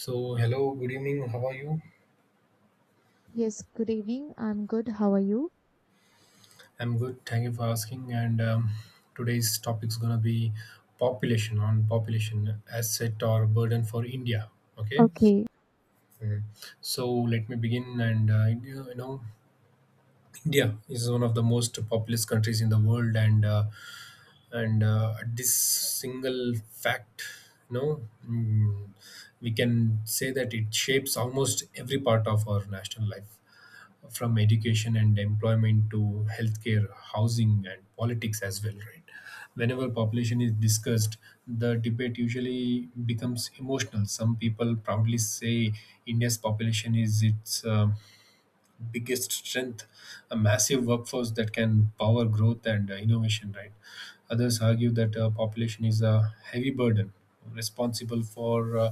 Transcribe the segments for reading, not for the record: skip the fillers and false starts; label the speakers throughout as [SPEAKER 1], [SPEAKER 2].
[SPEAKER 1] So, hello, good evening. How are you?
[SPEAKER 2] Yes, good evening. I'm good. How are you?
[SPEAKER 1] I'm good. Thank you for asking. And Today's topic is going to be population on population asset or burden for India. Okay.
[SPEAKER 2] Okay.
[SPEAKER 1] Mm. So, let me begin. And, you you know, India is one of the most populous countries in the world. And This single fact, you know, mm, we can say that it shapes almost every part of our national life from education and employment to healthcare, housing, and politics as well, right? Whenever population is discussed, the debate usually becomes emotional. Some people proudly say India's population is its biggest strength, a massive workforce that can power growth and innovation, right? Others argue that population is a heavy burden responsible for uh,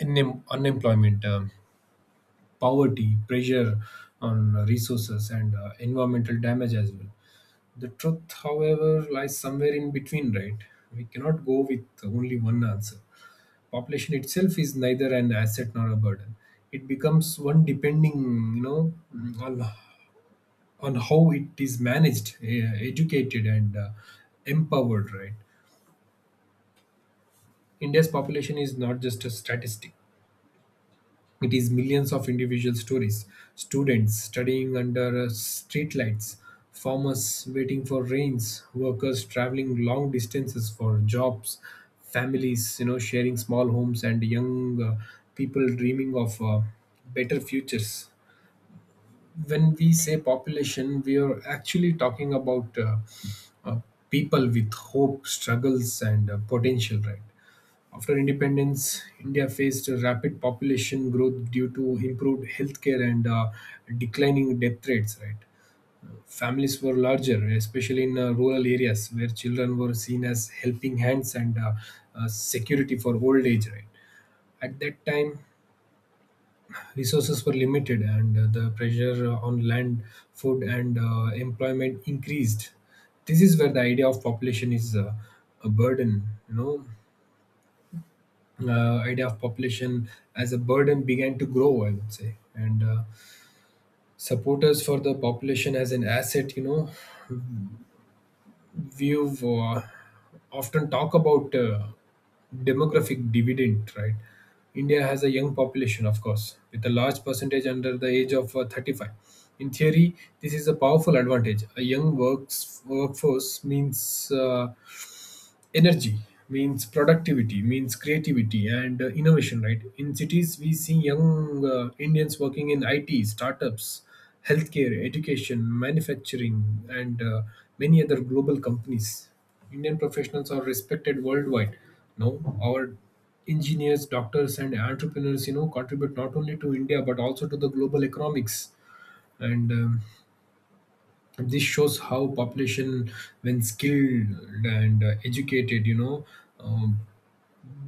[SPEAKER 1] unem- unemployment, poverty, pressure on resources, and environmental damage as well. The truth, however, lies somewhere in between, right? We cannot go with only one answer. Population itself is neither an asset nor a burden. It becomes one depending, you know, on on how it is managed, educated, and empowered, right? India's population is not just a statistic; it is millions of individual stories, students studying under streetlights, farmers waiting for rains, workers traveling long distances for jobs, families, you know, sharing small homes, and young people dreaming of better futures. When we say population, we are actually talking about uh, people with hope, struggles, and potential, right? After independence, India faced a rapid population growth due to improved healthcare and declining death rates. Right, families were larger, especially in rural areas where children were seen as helping hands and security for old age. Right, at that time, resources were limited, and the pressure on land, food, and employment increased. This is where the idea of population is a burden. You know, idea of population as a burden began to grow, I would say. And supporters for the population as an asset, you know, we've often talk about demographic dividend, right? India has a young population, of course, with a large percentage under the age of 35. In theory, this is a powerful advantage. A workforce means energy, means productivity, means creativity and innovation, right? In cities we see young indians working in it startups, healthcare, education, manufacturing, and many other global companies. Indian professionals are respected worldwide. No, our engineers, doctors, and entrepreneurs, you know, contribute not only to india but also to the global economics. And This shows how population, when skilled and educated, you know um,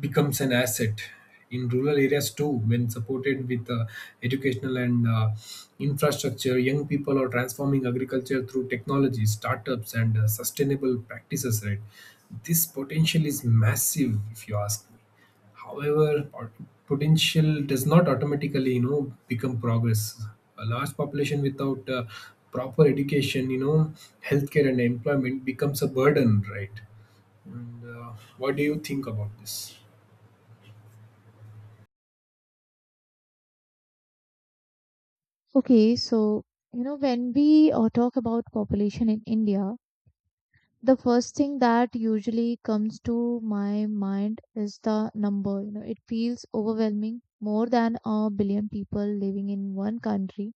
[SPEAKER 1] becomes an asset. In rural areas too, when supported with educational and infrastructure, young people are transforming agriculture through technology startups and sustainable practices, right? This potential is massive, if you ask me. However, potential does not automatically, you know, become progress. A large population without proper education, you know, healthcare, and employment becomes a burden, right? And what do you think about this?
[SPEAKER 2] Okay, so, you know, when we talk about population in India, the first thing that usually comes to my mind is the number. You know, it feels overwhelming. More than a billion people living in one country,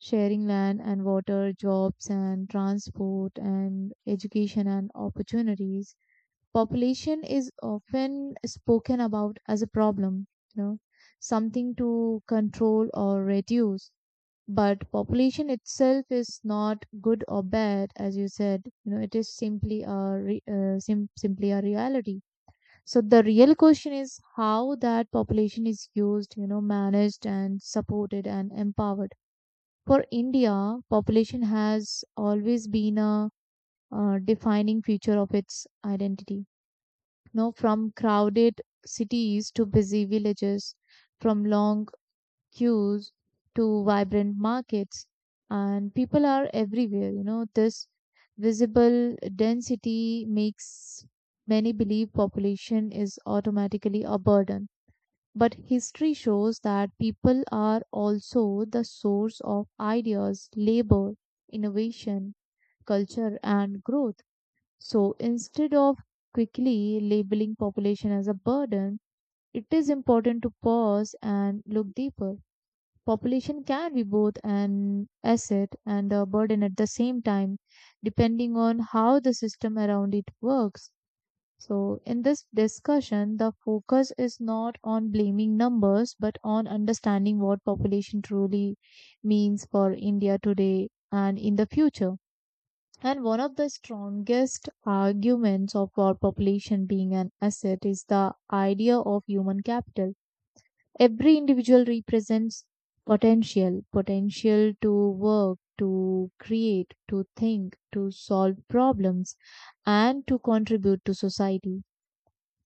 [SPEAKER 2] sharing land and water, jobs and transport and education and opportunities. Population is often spoken about as a problem, you know, something to control or reduce. But population itself is not good or bad, as you said. You know, it is simply a simply a reality. So the real question is how that population is used, you know, managed and supported and empowered. For India, population has always been a defining feature of its identity, no, from crowded cities to busy villages, from long queues to vibrant markets, and people are everywhere. You know, this visible density makes many believe population is automatically a burden. But history shows that people are also the source of ideas, labor, innovation, culture, and growth. So instead of quickly labeling population as a burden, it is important to pause and look deeper. Population can be both an asset and a burden at the same time, depending on how the system around it works. So, in this discussion, the focus is not on blaming numbers but on understanding what population truly means for India today and in the future. And one of the strongest arguments of our population being an asset is the idea of human capital. Every individual represents potential, potential to work, to create, to think, to solve problems, and to contribute to society.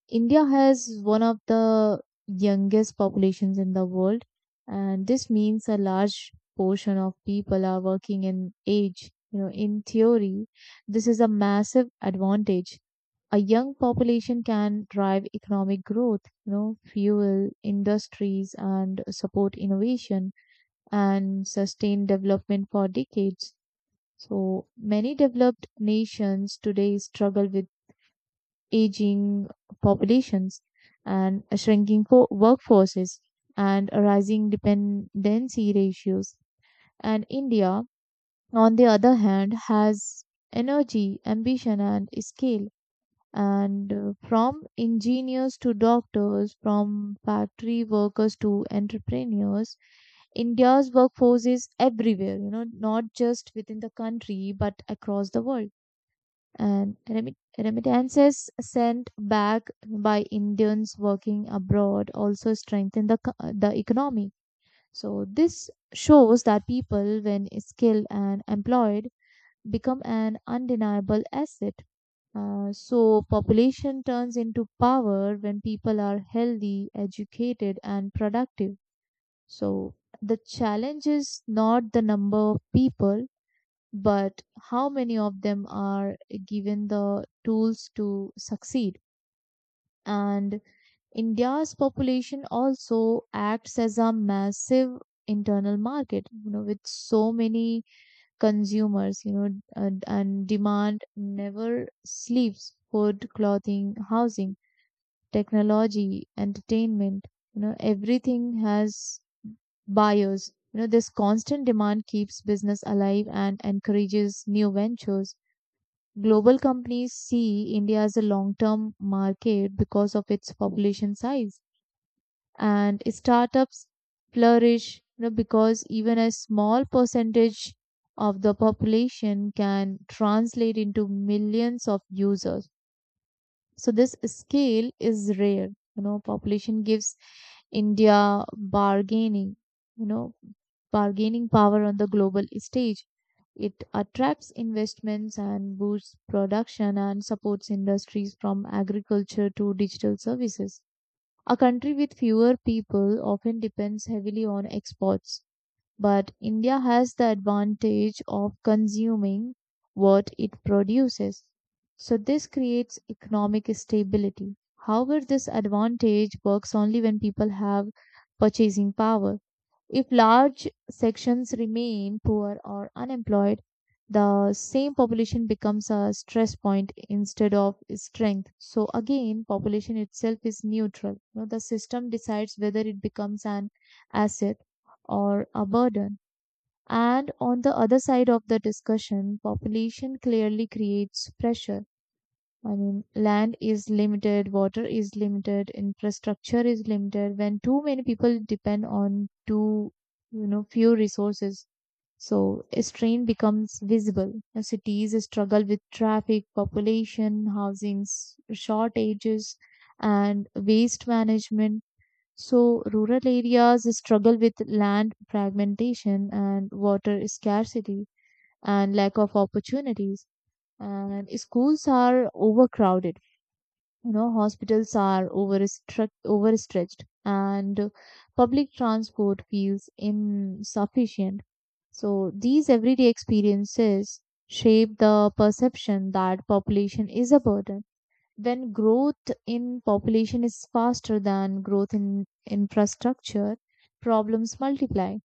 [SPEAKER 2] India has one of the youngest populations in the world, and this means a large portion of people are working in age. You know, in theory, this is a massive advantage. A young population can drive economic growth, you know, fuel industries and support innovation and sustain development for decades. So many developed nations today struggle with aging populations and shrinking workforces and rising dependency ratios. And India, on the other hand, has energy, ambition, and scale. And from engineers to doctors, from factory workers to entrepreneurs, India's workforce is everywhere, you know, not just within the country, but across the world, and remittances sent back by Indians working abroad also strengthen the economy. So, this shows that people, when skilled and employed, become an undeniable asset. So, population turns into power when people are healthy, educated, and productive. So, the challenge is not the number of people but how many of them are given the tools to succeed. And India's population also acts as a massive internal market, you know, with so many consumers, you know, and demand never sleeps. Food, clothing, housing, technology, entertainment, you know, everything has buyers. You know, this constant demand keeps business alive and encourages new ventures. Global companies see India as a long term market because of its population size, and startups flourish, you know, because even a small percentage of the population can translate into millions of users. So, this scale is rare. You know, population gives India bargaining, you know, bargaining power on the global stage. It attracts investments and boosts production and supports industries from agriculture to digital services. A country with fewer people often depends heavily on exports, but India has the advantage of consuming what it produces. So, this creates economic stability. However, this advantage works only when people have purchasing power. If large sections remain poor or unemployed, the same population becomes a stress point instead of strength. So again, population itself is neutral. You know, the system decides whether it becomes an asset or a burden. And on the other side of the discussion, population clearly creates pressure. I mean, land is limited, water is limited, infrastructure is limited. When too many people depend on too, you know, few resources, so a strain becomes visible. Now, cities struggle with traffic, population, housings shortages, and waste management. So rural areas struggle with land fragmentation and water scarcity and lack of opportunities. And schools are overcrowded, you know, hospitals are overstretched, and public transport feels insufficient. So these everyday experiences shape the perception that population is a burden. When growth in population is faster than growth in infrastructure, problems multiply,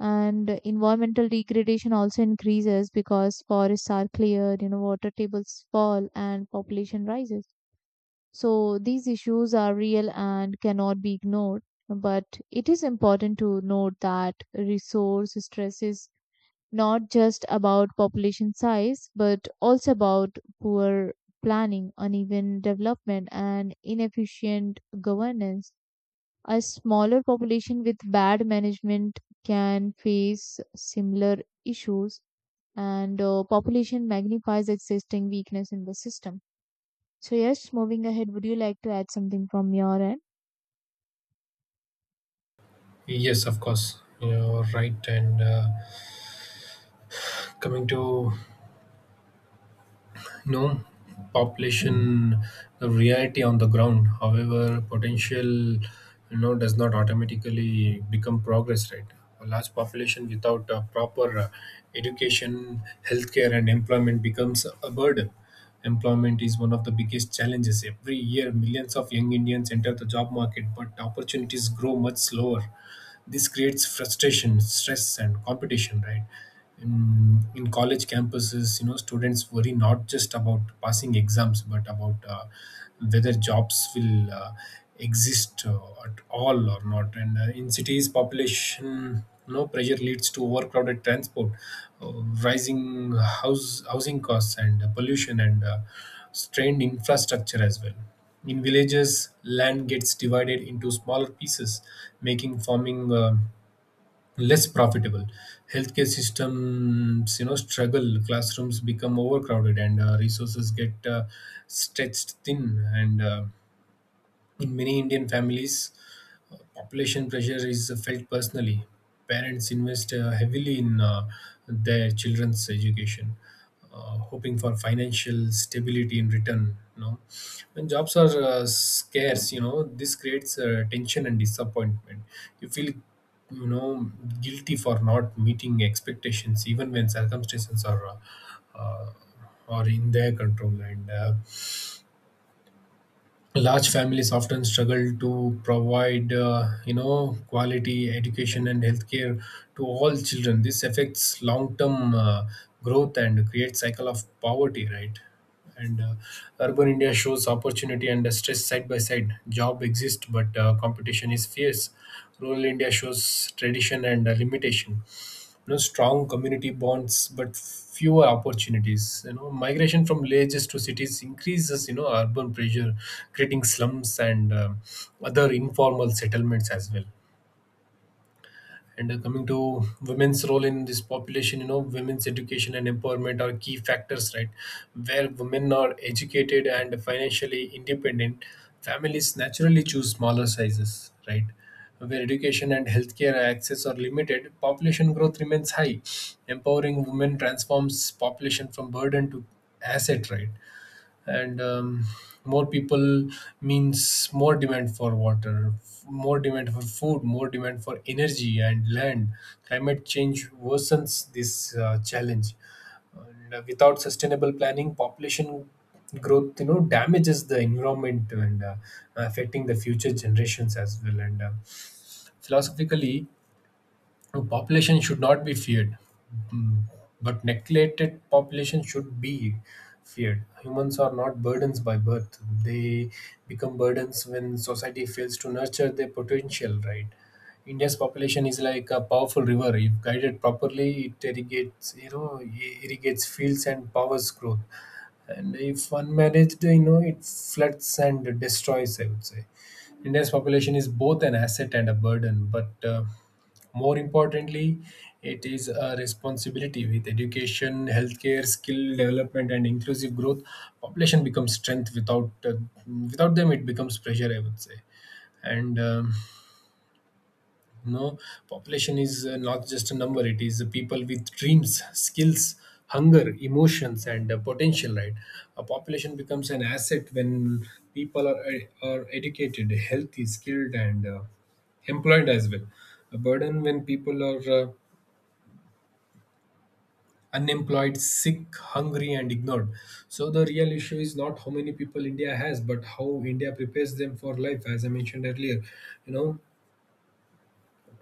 [SPEAKER 2] and environmental degradation also increases because forests are cleared, you know, water tables fall, and population rises. So these issues are real and cannot be ignored, but it is important to note that resource stress is not just about population size, but also about poor planning, uneven development, and inefficient governance. A smaller population with bad management can face similar issues, and population magnifies existing weakness in the system. So, yes, moving ahead, would you like to add something from your end?
[SPEAKER 1] Yes, of course. You're right. And coming to, no, population reality on the ground, however potential, you know, does not automatically become progress, right? A large population without proper education, healthcare, and employment becomes a burden. Employment is one of the biggest challenges. Every year millions of young indians enter the job market, but opportunities grow much slower. This creates frustration, stress, and competition, right? In college campuses, you know, students worry not just about passing exams but about whether jobs will exist at all or not. And in cities, population, you know, pressure leads to overcrowded transport, uh, rising house housing costs, and pollution, and strained infrastructure as well. In villages, land gets divided into smaller pieces, making farming less profitable. Healthcare systems, you know, struggle. Classrooms become overcrowded, and resources get stretched thin. And in many Indian families, population pressure is felt personally. Parents invest heavily in their children's education, hoping for financial stability in return. You know, when jobs are scarce, you know, this creates tension and disappointment. You feel, you know, guilty for not meeting expectations, even when circumstances are, uh, or in their control. And large families often struggle to provide, you know, quality education and healthcare to all children. This affects long term growth and creates cycle of poverty, right? And urban india shows opportunity and stress side by side. Job exists, but competition is fierce. Rural india shows tradition and limitation, you know, strong community bonds but fewer opportunities. You know, migration from villages to cities increases, you know, urban pressure, creating slums and other informal settlements as well. And coming to women's role in this population, you know, women's education and empowerment are key factors, right? Where women are educated and financially independent, families naturally choose smaller sizes, right? Where education and healthcare access are limited, population growth remains high. Empowering women transforms population from burden to asset, right? and More people means more demand for water, more demand for food, more demand for energy and land. Climate change worsens this challenge. And without sustainable planning, population growth, you know, damages the environment and affecting the future generations as well. And philosophically, no, population should not be feared, mm, but neglected population should be feared. Humans are not burdens by birth; they become burdens when society fails to nurture their potential. Right? India's population is like a powerful river. If guided properly, it irrigates, you know, irrigates fields and powers growth. And if unmanaged, you know, it floods and destroys, I would say. India's population is both an asset and a burden, but more importantly, it is a responsibility. With education, healthcare, skill development, and inclusive growth, population becomes strength. Without them, it becomes pressure, I would say. And No, population is not just a number, it is people with dreams, skills, hunger, emotions, and potential, right? A population becomes an asset when people are, are educated, healthy, skilled, and employed as well. A burden when people are unemployed, sick, hungry, and ignored. So, the real issue is not how many people India has, but how India prepares them for life, as I mentioned earlier. You know,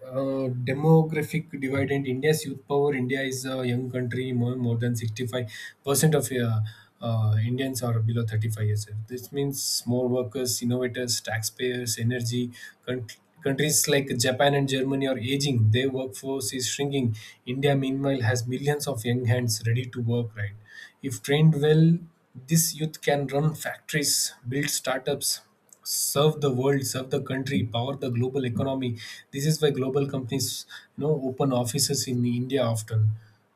[SPEAKER 1] demographic divide in India's youth power. India is a young country. More than 65% of Indians are below 35 years old. This means more workers, innovators, taxpayers, energy. Con- Countries like Japan and Germany are aging. Their workforce is shrinking. India, meanwhile, has millions of young hands ready to work, right? If trained well, this youth can run factories, build startups, serve the world, serve the country, power the global economy. This is why global companies, you know, open offices in India often.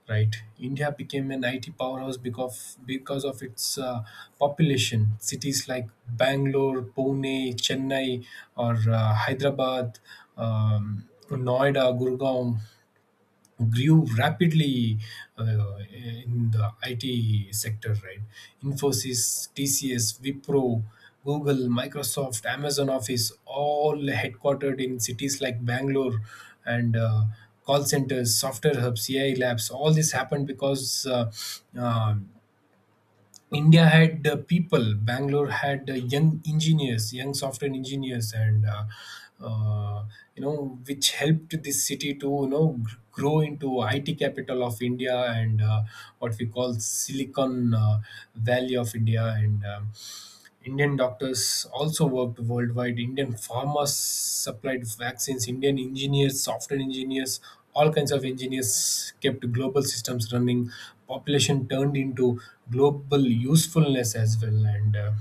[SPEAKER 1] Right, India became an IT powerhouse because of its population. Cities like Bangalore, Pune, Chennai, or Hyderabad, Noida, Gurgaon grew rapidly uh, in the IT sector, right? Infosys, TCS, Wipro, Google, Microsoft, Amazon Office, all headquartered in cities like Bangalore, and call centers, software hubs, AI labs. All this happened because um India had people, Bangalore had young engineers, young software engineers, and uh, you know, which helped this city to, you know, grow into IT capital of India, and what we call Silicon Valley of India. And. Indian doctors also worked worldwide. Indian farmers supplied vaccines. Indian engineers, software engineers, all kinds of engineers kept global systems running. Population turned into global usefulness as well. And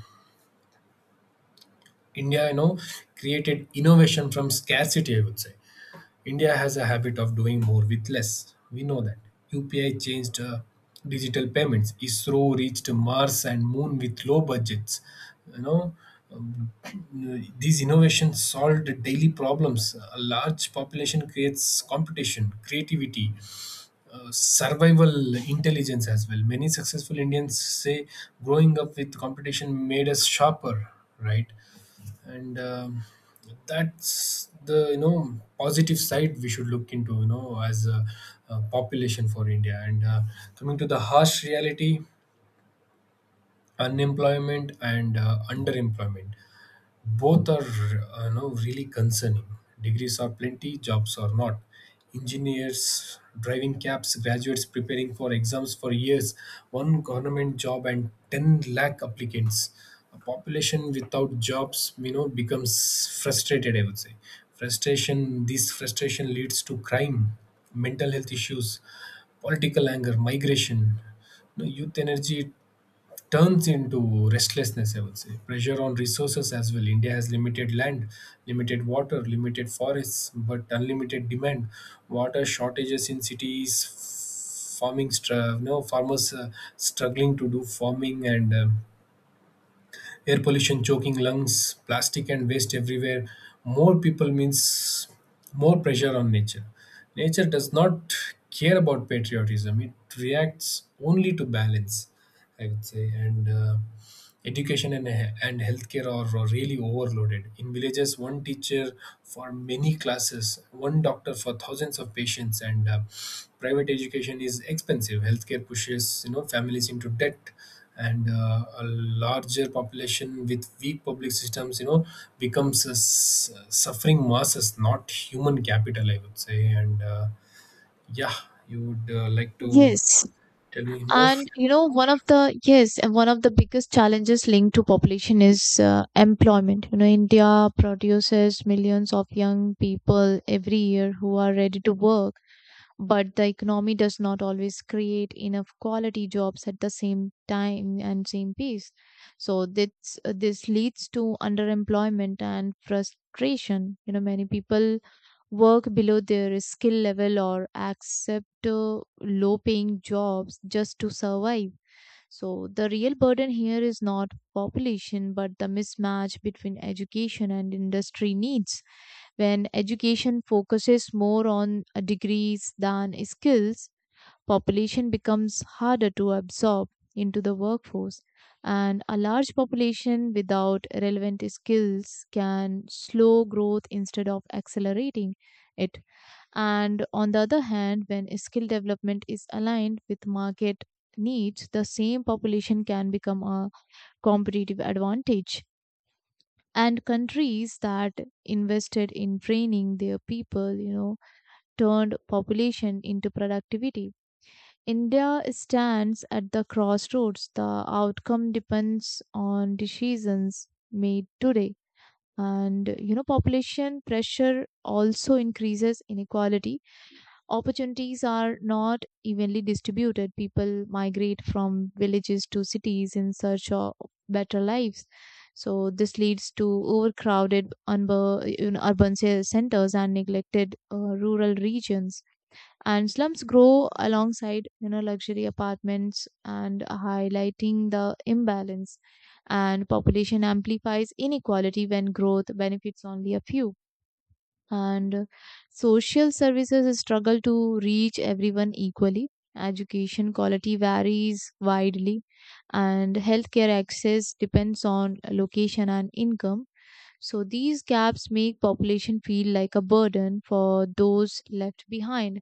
[SPEAKER 1] India, you know, created innovation from scarcity, I would say. India has a habit of doing more with less. We know that. UPI changed digital payments. ISRO reached Mars and Moon with low budgets. You know, um, these innovations solved daily problems. A large population creates competition, creativity, survival intelligence as well. Many successful Indians say growing up with competition made us sharper, right? and That's the, you know, positive side we should look into, you know, as a population for india. And coming to the harsh reality, unemployment and underemployment, both are, you know, really concerning. Degrees are plenty, jobs are not. Engineers driving cabs, graduates preparing for exams for years, one government job and 10 lakh applicants. A population without jobs, you know, becomes frustrated, I would say. This frustration leads to crime, mental health issues, political anger, migration. You know, youth energy turns into restlessness, I would say. Pressure on resources as well. India has limited land, limited water, limited forests, but unlimited demand. Water shortages in cities, farming, str- no, farmers struggling to do farming and air pollution choking lungs, plastic and waste everywhere. More people means more pressure on nature. Nature does not care about patriotism, it reacts only to balance, I would say. And Education and healthcare are really overloaded. In villages, one teacher for many classes, one doctor for thousands of patients, and private education is expensive. Healthcare pushes families into debt and a larger population with weak public systems becomes a suffering masses, not human capital, I would say. And yeah You would like to
[SPEAKER 2] Yes,
[SPEAKER 1] tell me more.
[SPEAKER 2] and you know, one of the yes, and one of the biggest challenges linked to population is employment. You know, India produces millions of young people every year who are ready to work, but the economy does not always create enough quality jobs at the same time and same pace. So this leads to underemployment and frustration. You know, many people work below their skill level or accept low paying jobs just to survive. So, the real burden here is not population but the mismatch between education and industry needs. When education focuses more on degrees than skills, population becomes harder to absorb into the workforce, and a large population without relevant skills can slow growth instead of accelerating it. And on the other hand, when skill development is aligned with market needs, the same population can become a competitive advantage. And countries that invested in training their people, you know, turned population into productivity. India stands at the crossroads. The outcome depends on decisions made today. And you know, population pressure also increases inequality. Opportunities are not evenly distributed. People migrate from villages to cities in search of better lives. So this leads to overcrowded you know, urban centers and neglected rural regions, and slums grow alongside, you know, luxury apartments, and highlighting the imbalance. And population amplifies inequality when growth benefits only a few, and social services struggle to reach everyone equally. Education quality varies widely, and healthcare access depends on location and income. So these gaps make population feel like a burden for those left behind.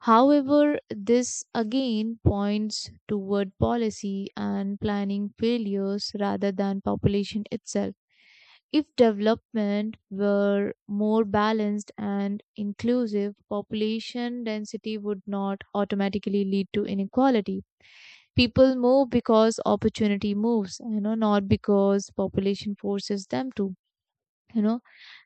[SPEAKER 2] However, this again points toward policy and planning failures rather than population itself. If development were more balanced and inclusive, population density would not automatically lead to inequality. People move because opportunity moves, you know, not because population forces them to. You know,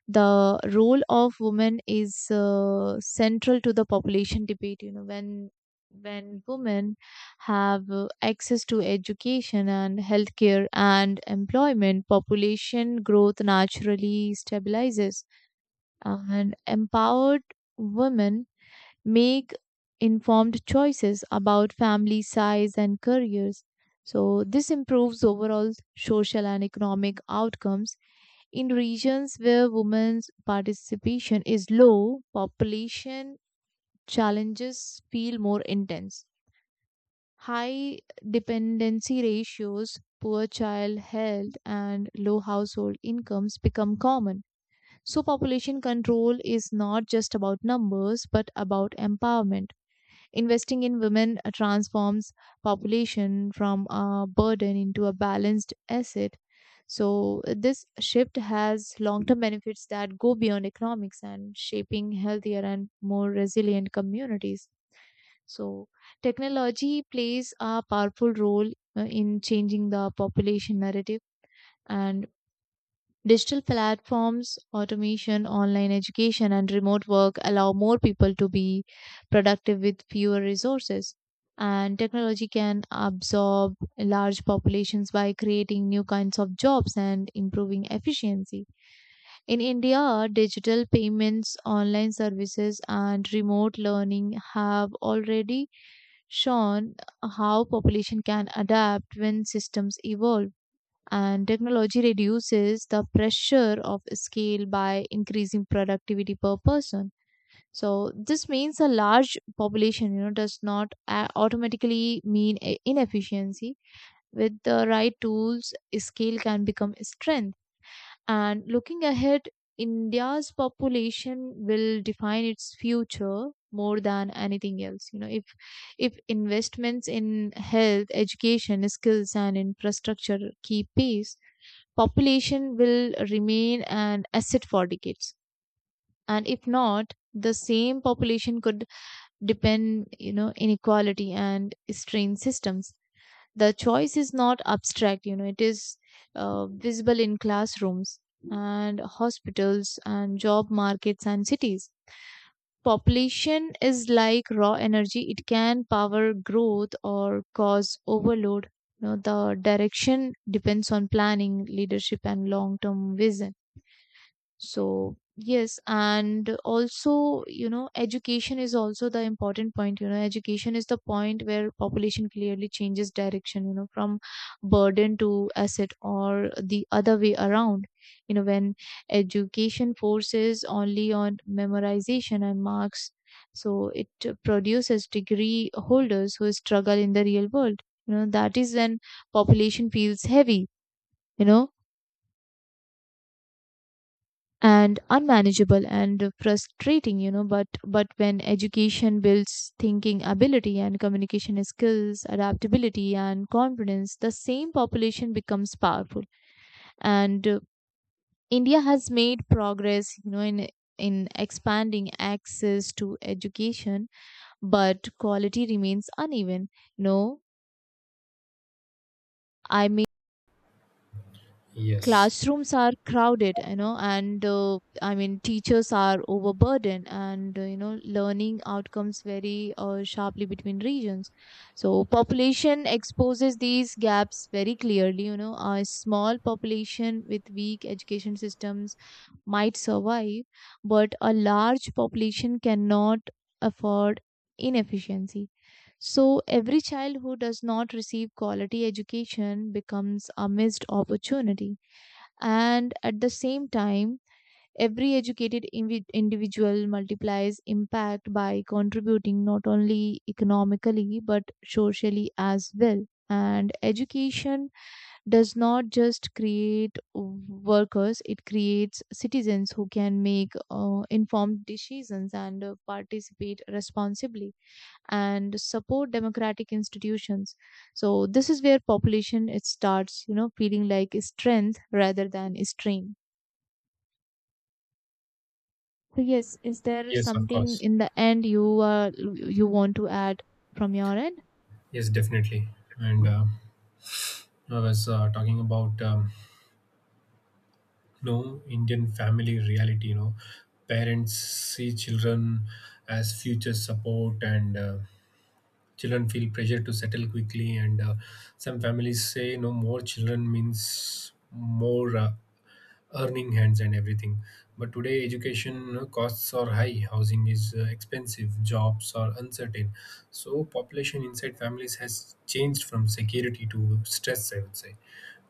[SPEAKER 2] the role of women is central to the population debate. You know, when women have access to education and healthcare and employment, population growth naturally stabilizes, and empowered women make informed choices about family size and careers. So this improves overall social and economic outcomes. In regions where women's participation is low, population challenges feel more intense. High dependency ratios, poor child health, and low household incomes become common. So, population control is not just about numbers but about empowerment. Investing in women transforms population from a burden into a balanced asset. So this shift has long-term benefits that go beyond economics and shaping healthier and more resilient communities. So technology plays a powerful role in changing the population narrative. And digital platforms, automation, online education, and remote work allow more people to be productive with fewer resources. And technology can absorb large populations by creating new kinds of jobs and improving efficiency. In India, digital payments, online services, and remote learning have already shown how population can adapt when systems evolve, and technology reduces the pressure of scale by increasing productivity per person. So this means a large population, you know, does not automatically mean inefficiency. With the right tools, scale can become strength. And looking ahead, India's population will define its future more than anything else. You know, if investments in health, education, skills, and infrastructure keep pace, population will remain an asset for decades. And if not, the same population could depend, you know, inequality and strain systems. The choice is not abstract, you know, it is visible in classrooms and hospitals and job markets and cities. Population is like raw energy, it can power growth or cause overload. You know, the direction depends on planning, leadership, and long term vision. So yes, and also, you know, education is also the important point. You know, education is the point where population clearly changes direction, you know, from burden to asset or the other way around. You know, when education forces only on memorization and marks, so it produces degree holders who struggle in the real world. You know, that is when population feels heavy, you know, and unmanageable and frustrating. You know, but when education builds thinking ability and communication skills, adaptability and confidence, the same population becomes powerful. And India has made progress, you know, in expanding access to education, but quality remains uneven. You know I
[SPEAKER 1] Yes,
[SPEAKER 2] Classrooms are crowded, you know, and I mean teachers are overburdened, and you know, learning outcomes vary sharply between regions. So population exposes these gaps very clearly. You know, a small population with weak education systems might survive, but a large population cannot afford inefficiency. So every child who does not receive quality education becomes a missed opportunity. And at the same time, every educated individual multiplies impact by contributing not only economically but socially as well. And education does not just create workers, it creates citizens who can make informed decisions and participate responsibly and support democratic institutions. So this is where population it starts, you know, feeling like a strength rather than a strain. So yes, is there
[SPEAKER 1] yes, of
[SPEAKER 2] something
[SPEAKER 1] course.
[SPEAKER 2] in the end you you want to add from your end?
[SPEAKER 1] Yes, definitely. And I was talking about no Indian family reality, you know. Parents see children as future support, and children feel pressure to settle quickly, and some families say no, more children means more earning hands and everything. But today, education costs are high, housing is expensive, jobs are uncertain. So, population inside families has changed from security to stress, I would say.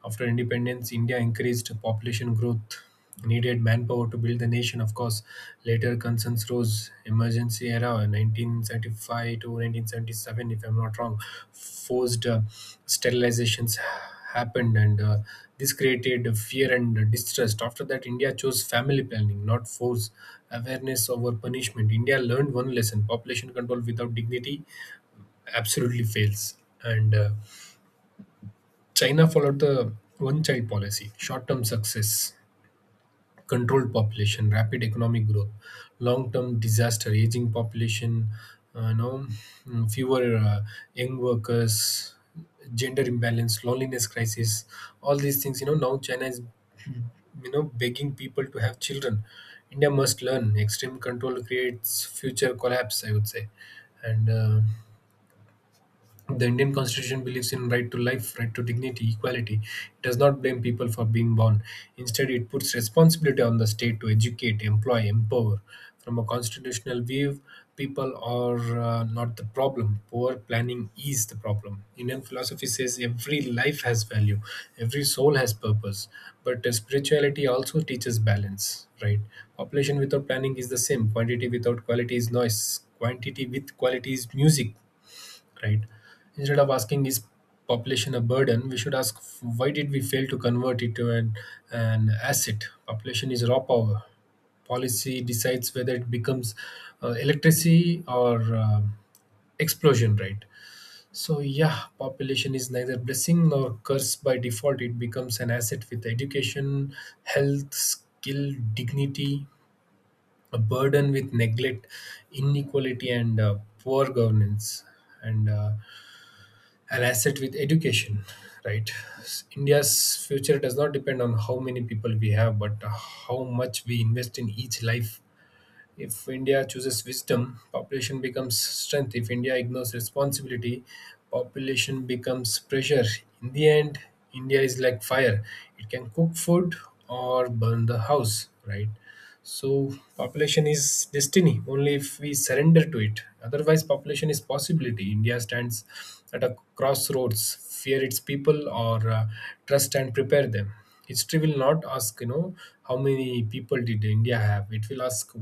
[SPEAKER 1] After independence, India increased population growth, needed manpower to build the nation. Of course, later concerns rose. Emergency era, 1975 to 1977, if I'm not wrong, forced sterilizations happened, and this created fear and distrust. After that, India chose family planning, not force, awareness over punishment. India learned one lesson: population control without dignity absolutely fails. And China followed the one child policy. Short term success, controlled population, rapid economic growth. Long term disaster, aging population, uh, you know, fewer young workers, gender imbalance, loneliness crisis, all these things. You know, now China is, you know, begging people to have children. India must learn. Extreme control creates future collapse, I would say. And The Indian Constitution believes in right to life, right to dignity, equality. It does not blame people for being born. Instead, it puts responsibility on the state to educate, employ, empower. From a constitutional view, people are not the problem. Poor planning is the problem. Indian philosophy says every life has value, every soul has purpose. But spirituality also teaches balance, right? Population without planning is the same. Quantity without quality is noise. Quantity with quality is music, right? Instead of asking is population a burden, we should ask why did we fail to convert it to an asset? Population is raw power. Policy decides whether it becomes electricity or explosion, right? So yeah, population is neither blessing nor curse by default. It becomes an asset with education, health, skill, dignity, a burden with neglect, inequality, and poor governance. And An asset with education, right? India's future does not depend on how many people we have, but how much we invest in each life. If India chooses wisdom, population becomes strength. If India ignores responsibility, population becomes pressure. In the end, India is like fire. It can cook food or burn the house, right? So population is destiny only if we surrender to it. Otherwise, population is possibility. India stands at a crossroads. Fear its people, or trust and prepare them. History will not ask, you know, how many people did India have. It will ask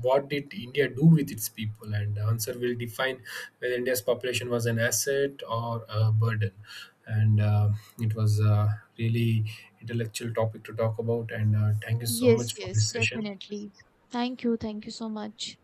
[SPEAKER 1] what did India do with its people? And the answer will define whether India's population was an asset or a burden. And It was a really intellectual topic to talk about. And thank you so much
[SPEAKER 2] Yes,
[SPEAKER 1] for
[SPEAKER 2] yes,
[SPEAKER 1] this session.
[SPEAKER 2] definitely. Thank you. Thank you so much.